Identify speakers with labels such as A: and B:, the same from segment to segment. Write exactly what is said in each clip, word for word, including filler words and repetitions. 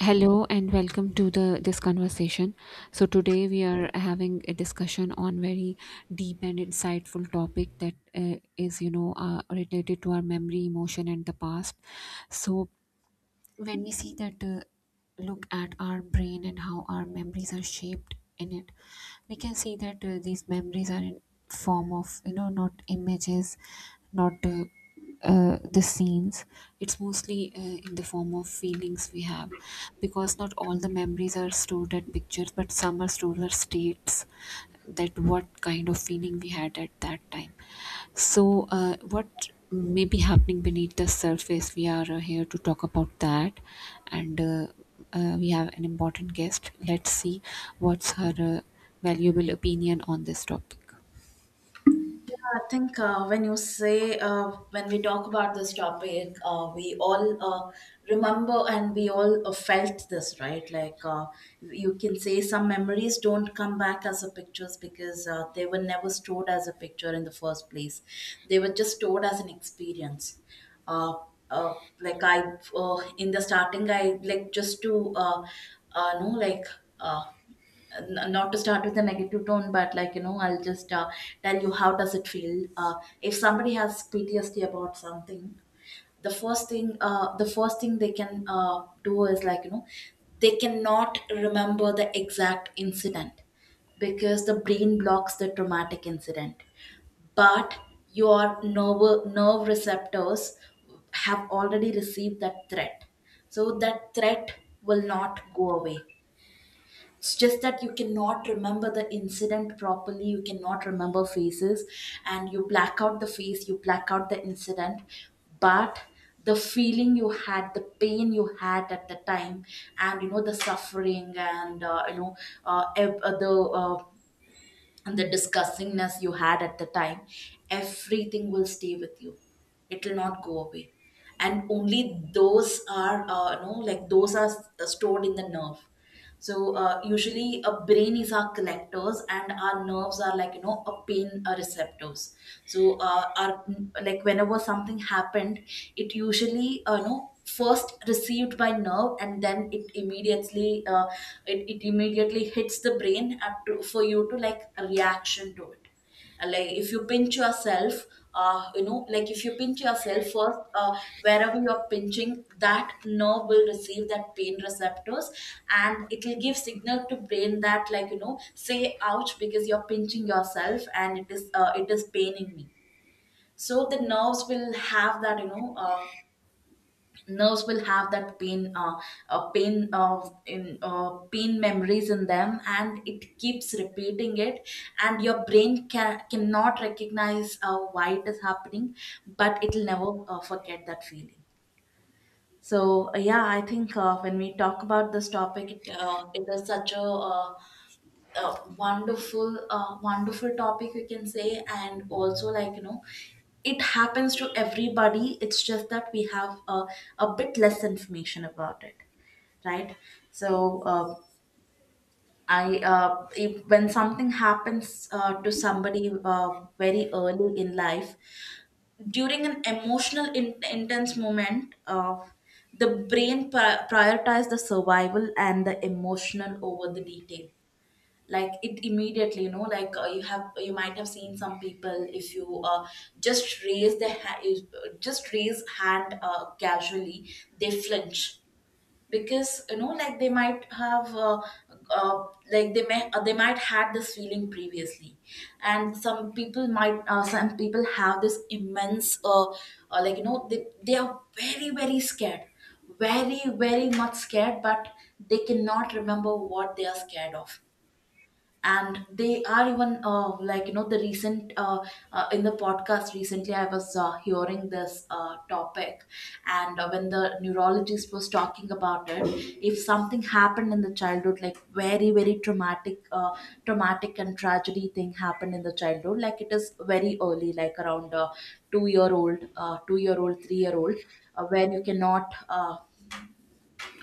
A: Hello and welcome to the this conversation. So today we are having a discussion on very deep and insightful topic that uh, is you know uh, related to our memory, emotion, and the past. So when we see that uh, look at our brain and how our memories are shaped in it, we can see that uh, these memories are in form of you know not images, not uh, uh, the scenes. It's mostly uh, in the form of feelings we have, because not all the memories are stored at pictures, but some are stored as states, that what kind of feeling we had at that time. So uh, what may be happening beneath the surface we are uh, here to talk about that. And uh, uh, we have an important guest. Let's see what's her uh, valuable opinion on this topic.
B: I think uh, when you say, uh, when we talk about this topic, uh, we all uh, remember, and we all uh, felt this, right? Like uh, you can say some memories don't come back as a pictures because uh, they were never stored as a picture in the first place. They were just stored as an experience. Uh, uh, like I, uh, in the starting, I like just to, uh, uh, no, like, uh, n- not to start with a negative tone, but like you know, I'll just uh, tell you how does it feel. Uh, if somebody has P T S D about something, the first thing, uh, the first thing they can uh, do is like, you know, they cannot remember the exact incident, because the brain blocks the traumatic incident, but your nerve nerve receptors have already received that threat. So that threat will not go away. It's just that you cannot remember the incident properly, you cannot remember faces, and you black out the face, you black out the incident. But the feeling you had, the pain you had at the time, and you know the suffering, and uh, you know uh, ev- uh, the uh, and the disgustingness you had at the time, everything will stay with you. It will not go away. And only those are, uh, no, like those are, s- stored in the nerve. So uh, usually a brain is our collectors, and our nerves are like, you know a pain uh, receptors. So uh, our, like whenever something happened, it usually, uh, you know first received by nerve, and then it immediately, uh, it, it immediately hits the brain up to, for you to like a reaction to it. Uh, like if you pinch yourself, uh you know like if you pinch yourself first, uh wherever you're pinching, that nerve will receive that pain receptors, and it will give signal to brain that like, you know say ouch because you're pinching yourself, and it is uh, it is paining me. So the nerves will have that, you know uh, nerves will have that pain, uh, uh, pain uh, in uh, pain memories in them, and it keeps repeating it. And your brain can, cannot recognize uh, why it is happening, but it'll never uh, forget that feeling. So uh, yeah, I think uh, when we talk about this topic, it, uh, it is such a uh, a wonderful uh, wonderful topic, we can say. And also, like, you know it happens to everybody, it's just that we have a, a bit less information about it, right? So uh, I uh, if, when something happens uh, to somebody, uh, very early in life, during an emotional in- intense moment, uh, the brain pri- prioritizes the survival and the emotional over the detail. Like it immediately, you know like, uh, you have you might have seen some people, if you, uh, just raise the ha- is- just raise hand, uh, casually, they flinch. Because you know like they might have, uh, uh, like they may uh, they might had this feeling previously. And some people might uh, some people have this immense, uh, uh, like, you know they, they are very, very scared, very, very much scared, but they cannot remember what they are scared of. And they are even, uh, like, you know the recent uh, uh, in the podcast recently I was uh, hearing this uh, topic. And uh, when the neurologist was talking about it, if something happened in the childhood, like very, very traumatic, uh, traumatic and tragedy thing happened in the childhood, like it is very early, like around uh, two year old, uh, two year old, three year old, uh, where you cannot uh,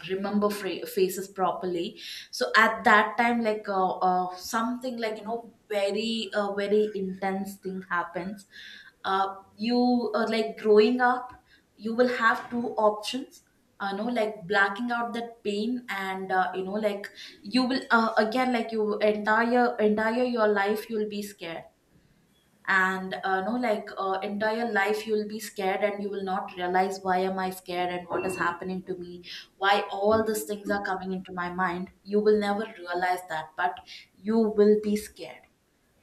B: remember fra- faces properly. So at that time, like, uh, uh, something like, you know very uh, very intense thing happens. uh, you uh, Like growing up, you will have two options. Uh, know Like blacking out that pain, and uh, you know like you will, uh, again, like you entire entire your life, you'll be scared. And uh, no, like uh, entire life you will be scared, and you will not realize, why am I scared, and what is happening to me, why all these things are coming into my mind, you will never realize that, but you will be scared.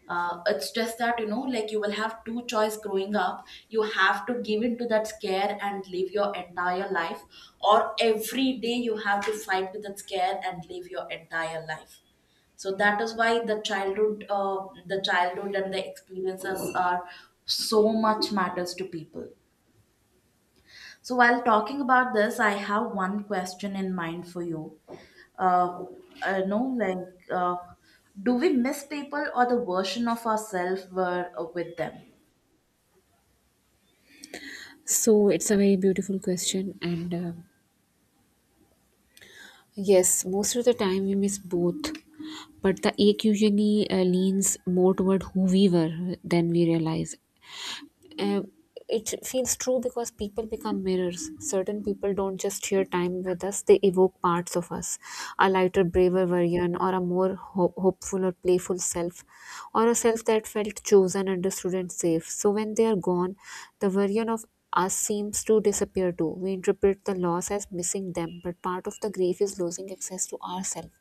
B: uh, It's just that, you know like you will have two choice growing up. You have to give in to that scare and live your entire life, or every day you have to fight with that scare and live your entire life. So that is why the childhood uh, the childhood and the experiences are so much matters to people. So, while talking about this, I have one question in mind for you. Uh, I know, like, uh, do we miss people, or the version of ourselves were uh, with them?
A: So it's a very beautiful question, and uh, yes, most of the time we miss both, but the ache usually uh, leans more toward who we were than we realize. Uh, it feels true because people become mirrors. Certain people don't just share time with us, they evoke parts of us, a lighter, braver version, or a more ho- hopeful or playful self, or a self that felt chosen, understood, and safe. So when they are gone, the version of us seems to disappear too. We interpret the loss as missing them, but part of the grief is losing access to ourselves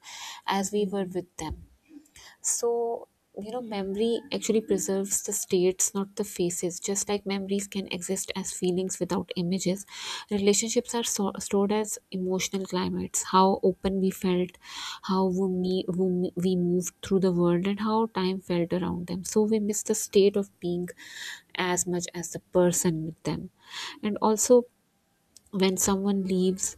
A: as we were with them. So, you know, memory actually preserves the states, not the faces. Just like memories can exist as feelings without images, relationships are so- stored as emotional climates, how open we felt, how we, me- we we moved through the world, and how time felt around them. So, we miss the state of being as much as the person with them. And also, when someone leaves,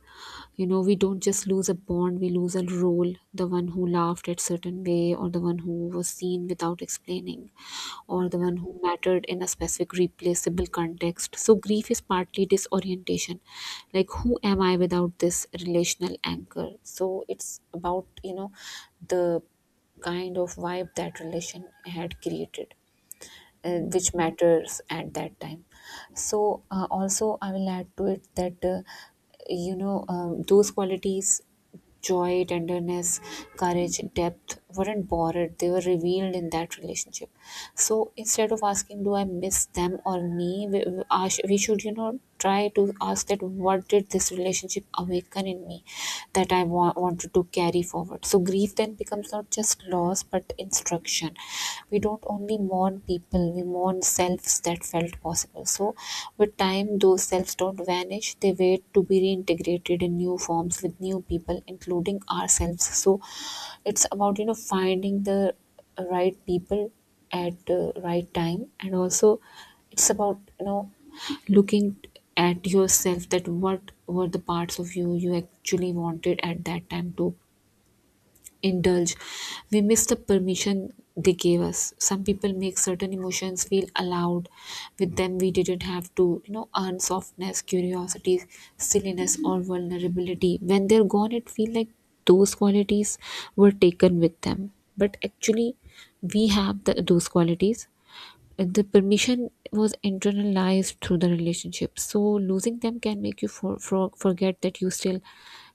A: you know, we don't just lose a bond, we lose a role, the one who laughed at certain way, or the one who was seen without explaining, or the one who mattered in a specific replaceable context. So grief is partly disorientation, like who am I without this relational anchor. So it's about, you know, the kind of vibe that relation had created, uh, which matters at that time. So uh, also I will add to it that uh, you know um, those qualities, joy, tenderness, courage, depth, weren't borrowed, they were revealed in that relationship. So instead of asking do I miss them or me, we, we I we should, you know, try to ask that what did this relationship awaken in me that i wa- wanted to carry forward. So grief then becomes not just loss but instruction. Mourn, we don't only mourn people, we mourn selves that felt possible. So with time those selves don't vanish, they wait to be reintegrated in new forms with new people, including ourselves. So it's about, you know, finding the right people at the right time, and also it's about, you know, looking at yourself, that what were the parts of you you actually wanted at that time to indulge. We miss the permission they gave us. Some people make certain emotions feel allowed. With them we didn't have to, you know, earn softness, curiosity, silliness, or vulnerability. When they're gone it feels like those qualities were taken with them, but actually we have the, those qualities. The permission was internalized through the relationship, so losing them can make you for, for, forget that you still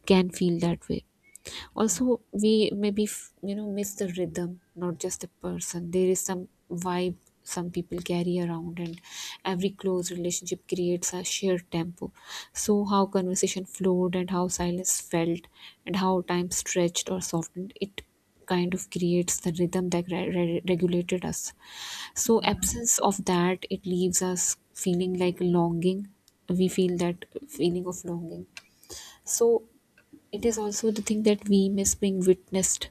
A: can feel that way. Also we maybe f- you know, miss the rhythm, not just the person. There is some vibe some people carry around, and every close relationship creates a shared tempo. So how conversation flowed, and how silence felt, and how time stretched or softened it, kind of creates the rhythm that re- re- regulated us. So absence of that, it leaves us feeling like longing, we feel that feeling of longing. So it is also the thing that we miss being witnessed.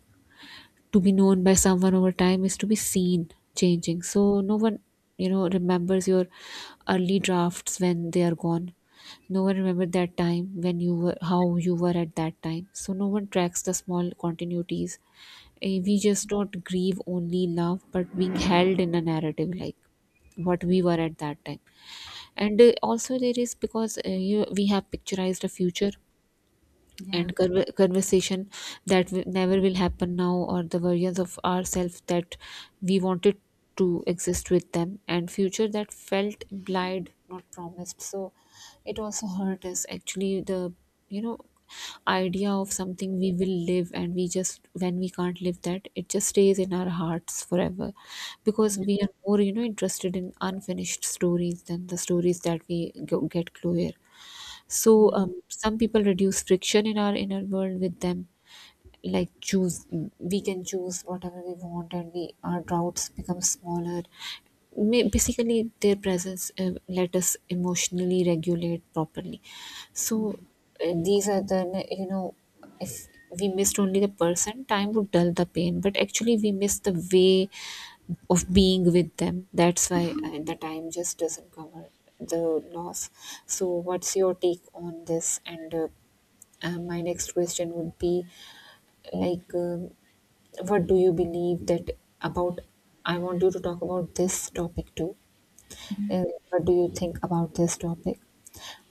A: To be known by someone over time is to be seen changing. So no one, you know, remembers your early drafts when they are gone. No one remembered that time when you were how you were at that time. So no one tracks the small continuities. Eh, We just don't grieve only love, but being held in a narrative, like what we were at that time. And uh, also there is, because uh, you, we have picturized a future
B: Yeah.
A: and conver- conversation that w- never will happen now, or the versions of ourselves that we wanted to exist with them, and future that felt implied, not promised. So it also hurt us, actually, the, you know, idea of something we will live, and we just when we can't live that, it just stays in our hearts forever, because we are more, you know, interested in unfinished stories than the stories that we go, get clear. So
B: Yeah.
A: um, some people reduce friction in our inner world with them, like choose, we can choose whatever we want, and we, our doubts become smaller. Ma- basically their presence uh, let us emotionally regulate properly. So uh, these are the, you know, if we missed only the person, time would dull the pain, but actually we miss the way of being with them. That's why uh, the time just doesn't cover the loss. So what's your take on this? And uh, uh, my next question would be, like, um, what do you believe that about. I want you to talk about this topic too, and what do you think about this topic.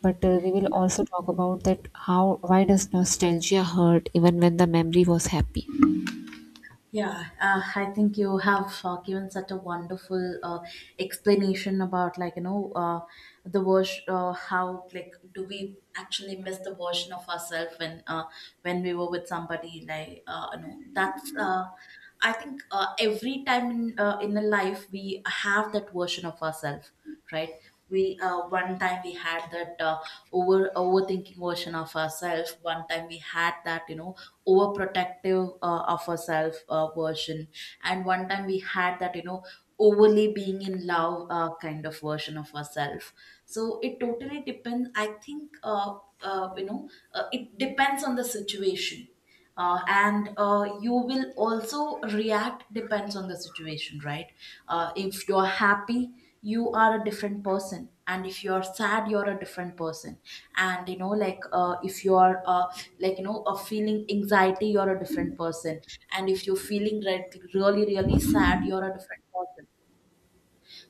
A: But uh, we will also talk about that, how, why does nostalgia hurt even when the memory was happy.
B: Yeah, uh, I think you have uh, given such a wonderful uh, explanation about, like, you know uh, the version uh, how like do we actually miss the version of ourselves when, uh, when we were with somebody like, uh, you know that's uh, I think uh, every time in, uh, in a life we have that version of ourselves, right? we uh, One time we had that uh, over overthinking version of ourselves, one time we had that, you know overprotective uh, of ourselves uh, version, and one time we had that, you know overly being in love uh, kind of version of ourselves. So it totally depends, I think. uh, uh, you know uh, it depends on the situation, uh, and uh, you will also react depends on the situation, right? Uh, if you're happy, you are a different person, and if you're sad, you're a different person. And you know like, uh, if you're, uh, like, you know uh, feeling anxiety, you're a different person. And if you're feeling, re- really, really sad, you're a different person.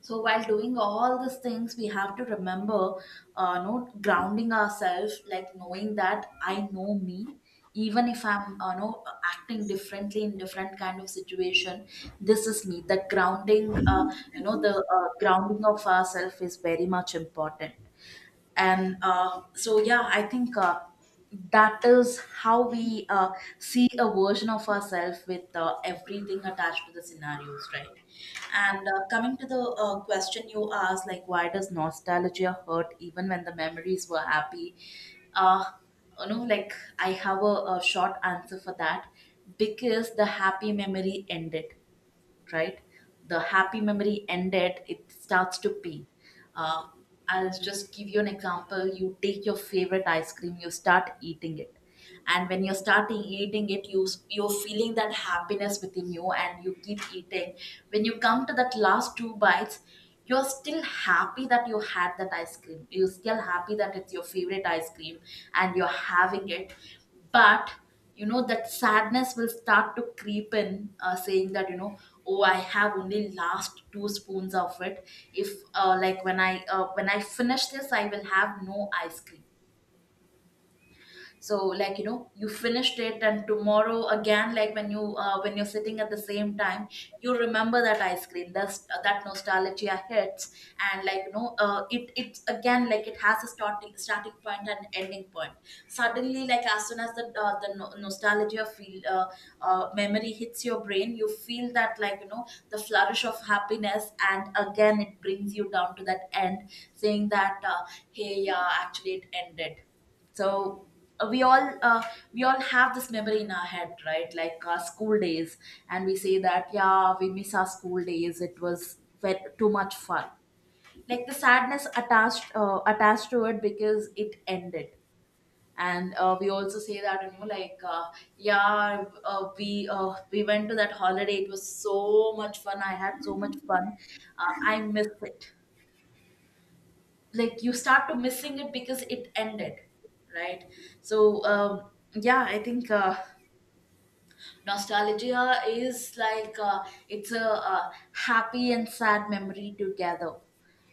B: So while doing all these things, we have to remember, uh, no, grounding ourselves, like knowing that I know me. Even if I'm, uh, no, acting differently in different kind of situation, this is me. That grounding, uh, you know, the uh, grounding of ourselves is very much important. And uh, so yeah, I think uh, that is how we uh, see a version of ourselves with uh, everything attached to the scenarios, right? And uh, coming to the uh, question you asked, like why does nostalgia hurt even when the memories were happy? uh, you know like I have a, a short answer for that, because the happy memory ended, right? The happy memory ended, it starts to pain. Uh, I'll just give you an example. You take your favorite ice cream, you start eating it. And when you're starting eating it, you you're feeling that happiness within you, and you keep eating. When you come to that last two bites, you're still happy that you had that ice cream. You're still happy that it's your favorite ice cream and you're having it. But you know that sadness will start to creep in, uh, saying that, you know oh, I have only last two spoons of it. If uh, Like when I uh, when I finish this, I will have no ice cream. So, like you know you finished it, and tomorrow again, like when you uh, when you're sitting at the same time, you remember that ice cream. That's uh, that nostalgia hits. And like you know uh, it it's again, like it has a starting starting point and ending point. Suddenly, like as soon as the uh, the no- nostalgia feel uh, uh, memory hits your brain, you feel that, like, you know the flourish of happiness, and again it brings you down to that end, saying that, uh, hey, yeah, actually it ended. So uh, we all uh, we all have this memory in our head, right? Like our school days. And we say that, yeah, we miss our school days, it was ve- too much fun. Like the sadness attached, uh, attached to it, because it ended. And uh, we also say that, you know like, uh, yeah, uh, we uh, we went to that holiday, it was so much fun, I had so much fun. uh, I missed it. Like, you start to missing it because it ended, right? So um, yeah, I think uh, nostalgia is like, uh, it's a, uh happy and sad memory together.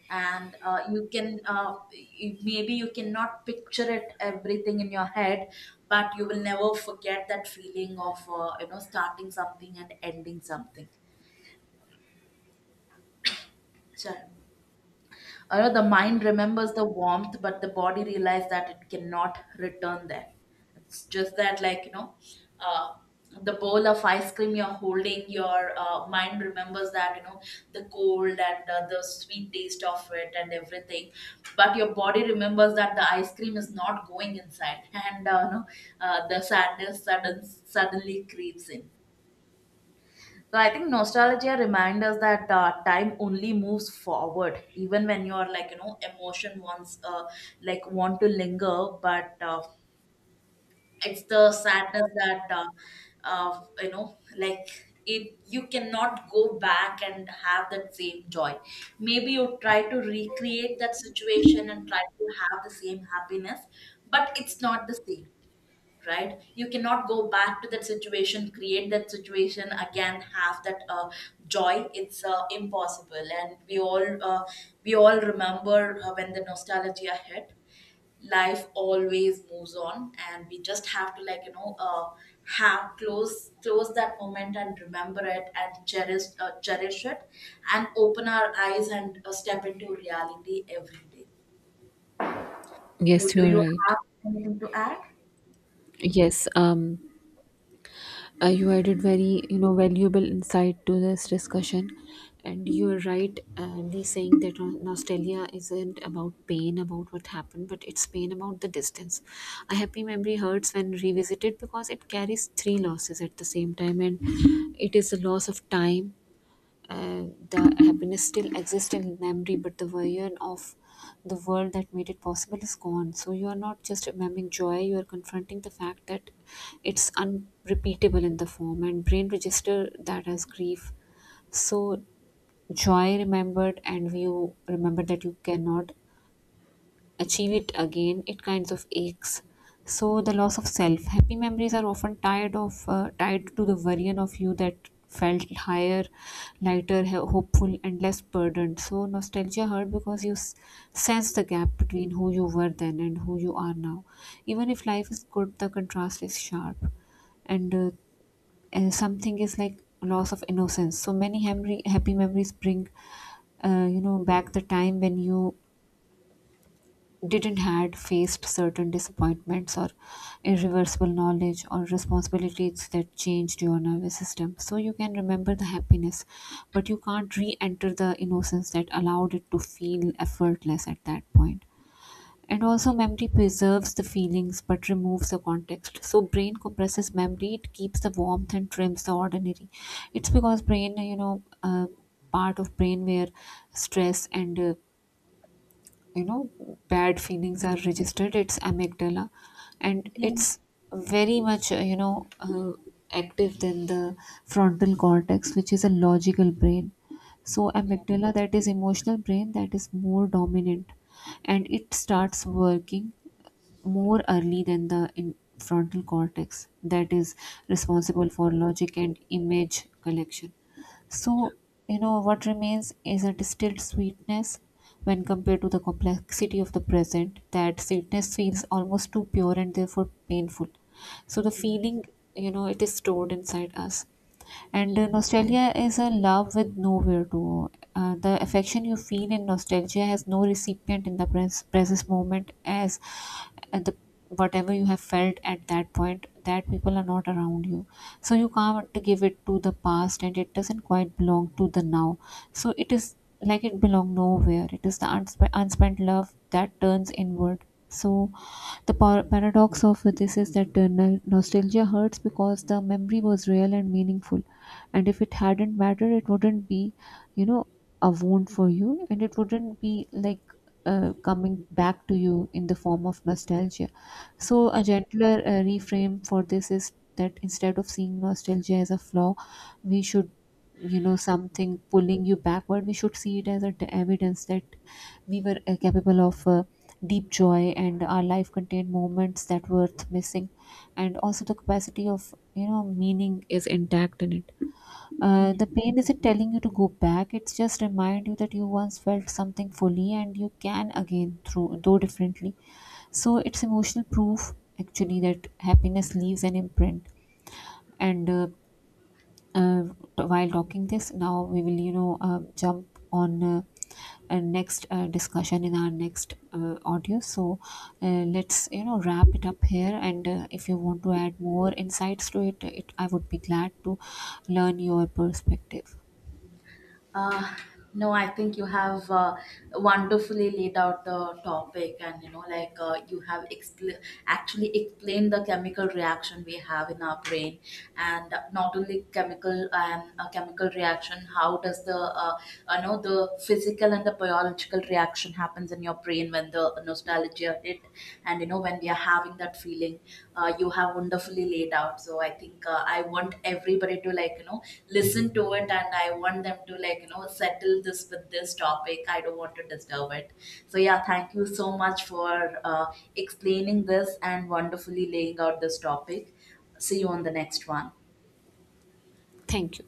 B: And uh, you can, uh, y- maybe you cannot picture it everything in your head, but you will never forget that feeling of, uh, you know starting something and ending something. Sure, you know the mind remembers the warmth, but the body realizes that it cannot return there. It's just that, like, you know uh, the bowl of ice cream you're holding, your uh, mind remembers that, you know the cold and, uh, the sweet taste of it and everything. But your body remembers that the ice cream is not going inside, and, uh, you know, uh, the sadness sudden, suddenly creeps in. So I think nostalgia reminds us that, uh, time only moves forward, even when your, like, you know emotion wants, uh, like want to linger. But, uh, it's the sadness that, uh, uh, you know like, it you cannot go back and have that same joy. Maybe you try to recreate that situation and try to have the same happiness, but it's not the same, right? You cannot go back to that situation, create that situation again, have that uh, joy. It's uh, impossible. And we all uh, we all remember, uh, when the nostalgia hit, life always moves on, and we just have to, like, you know uh, have close close that moment and remember it, and cherish uh, cherish it, and open our eyes and uh, step into reality every day. So,
A: Yes, you
B: do
A: are
B: you
A: right.
B: have anything to add?
A: Yes, um, Uh, you added very, you know, valuable insight to this discussion, and you are right. Uh, the saying that no- nostalgia isn't about pain about what happened, but it's pain about the distance. A happy memory hurts when revisited because it carries three losses at the same time, and it is the loss of time, and the happiness still exists in memory, but the version of the world that made it possible is gone. So you are not just remembering joy, you are confronting the fact that it's unrepeatable in the form, and brain register that as grief. So joy remembered, and you remember that you cannot achieve it again, it kinds of aches. So the loss of self. Happy memories are often tied of uh, tied to the version of you that felt higher, lighter, he- hopeful, and less burdened. So nostalgia hurt because you s- sense the gap between who you were then and who you are now. Even if life is good, the contrast is sharp, and uh, and something is like loss of innocence. So many happy happy memories bring, uh, you know, back the time when you didn't had faced certain disappointments or irreversible knowledge or responsibilities that changed your nervous system. So you can remember the happiness, but you can't re-enter the innocence that allowed it to feel effortless at that point point. And also memory preserves the feelings but removes the context. So brain compresses memory, it keeps the warmth and trims the ordinary. It's because brain, you know, uh, part of brain where stress and uh, you know, bad feelings are registered, it's amygdala, and
B: Yeah,
A: it's very much uh, you know, uh, active than the frontal cortex, which is a logical brain. So
B: yeah,
A: amygdala, that is emotional brain, that is more dominant, and it starts working more early than the in frontal cortex, that is responsible for logic and image collection. So, you know, what remains is a distilled sweetness when compared to the complexity of the present. That sweetness feels almost too pure, and therefore painful. So, the
B: yeah,
A: feeling, you know, it is stored inside us. And uh,
B: yeah.
A: nostalgia is a love with nowhere to go. Uh, the affection you feel in nostalgia has no recipient in the pres- present moment, as uh, the whatever you have felt at that point, that people are not around you. So you can't give it to the past, and it doesn't quite belong to the now. So it is like it belong nowhere, it is the unsp- unspent love that turns inward. So, the par- paradox of this is that uh, no- nostalgia hurts because the memory was real and meaningful, and if it hadn't mattered, it wouldn't be, you know, a wound for you, and it wouldn't be like uh, coming back to you in the form of nostalgia. So, a
B: Yeah.
A: gentler uh, reframe for this is that instead of seeing nostalgia as a flaw, we should, you know, something pulling you backward. We should see it as a t- evidence that we were uh, capable of Uh, deep joy, and our life contained moments that were missing, and also the capacity of, you know, meaning is intact in it. Uh, the pain isn't telling you to go back, it's just remind you that you once felt something fully, and you can again through though differently. So it's emotional proof, actually, that happiness leaves an imprint. And uh, uh, while talking this now, we will, you know, uh, jump on uh, uh, next uh, discussion in our next uh, audio. So uh, let's, you know, wrap it up here, and uh, if you want to add more insights to it, it I would be glad to learn your perspective.
B: Uh, no, I think you have uh, wonderfully laid out the topic, and, you know, like, uh, you have, expl- actually explained the chemical reaction we have in our brain, and not only chemical, and uh, chemical reaction. How does the, uh, you know the physical and the biological reaction happens in your brain when the nostalgia shared it, and, you know when we are having that feeling. Uh, you have wonderfully laid out. So I think uh, I want everybody to, like, you know listen to it, and I want them to, like, you know settle this with this topic. I don't want to disturb it. So yeah, thank you so much for uh, explaining this and wonderfully laying out this topic. See you on the next one.
A: Thank you.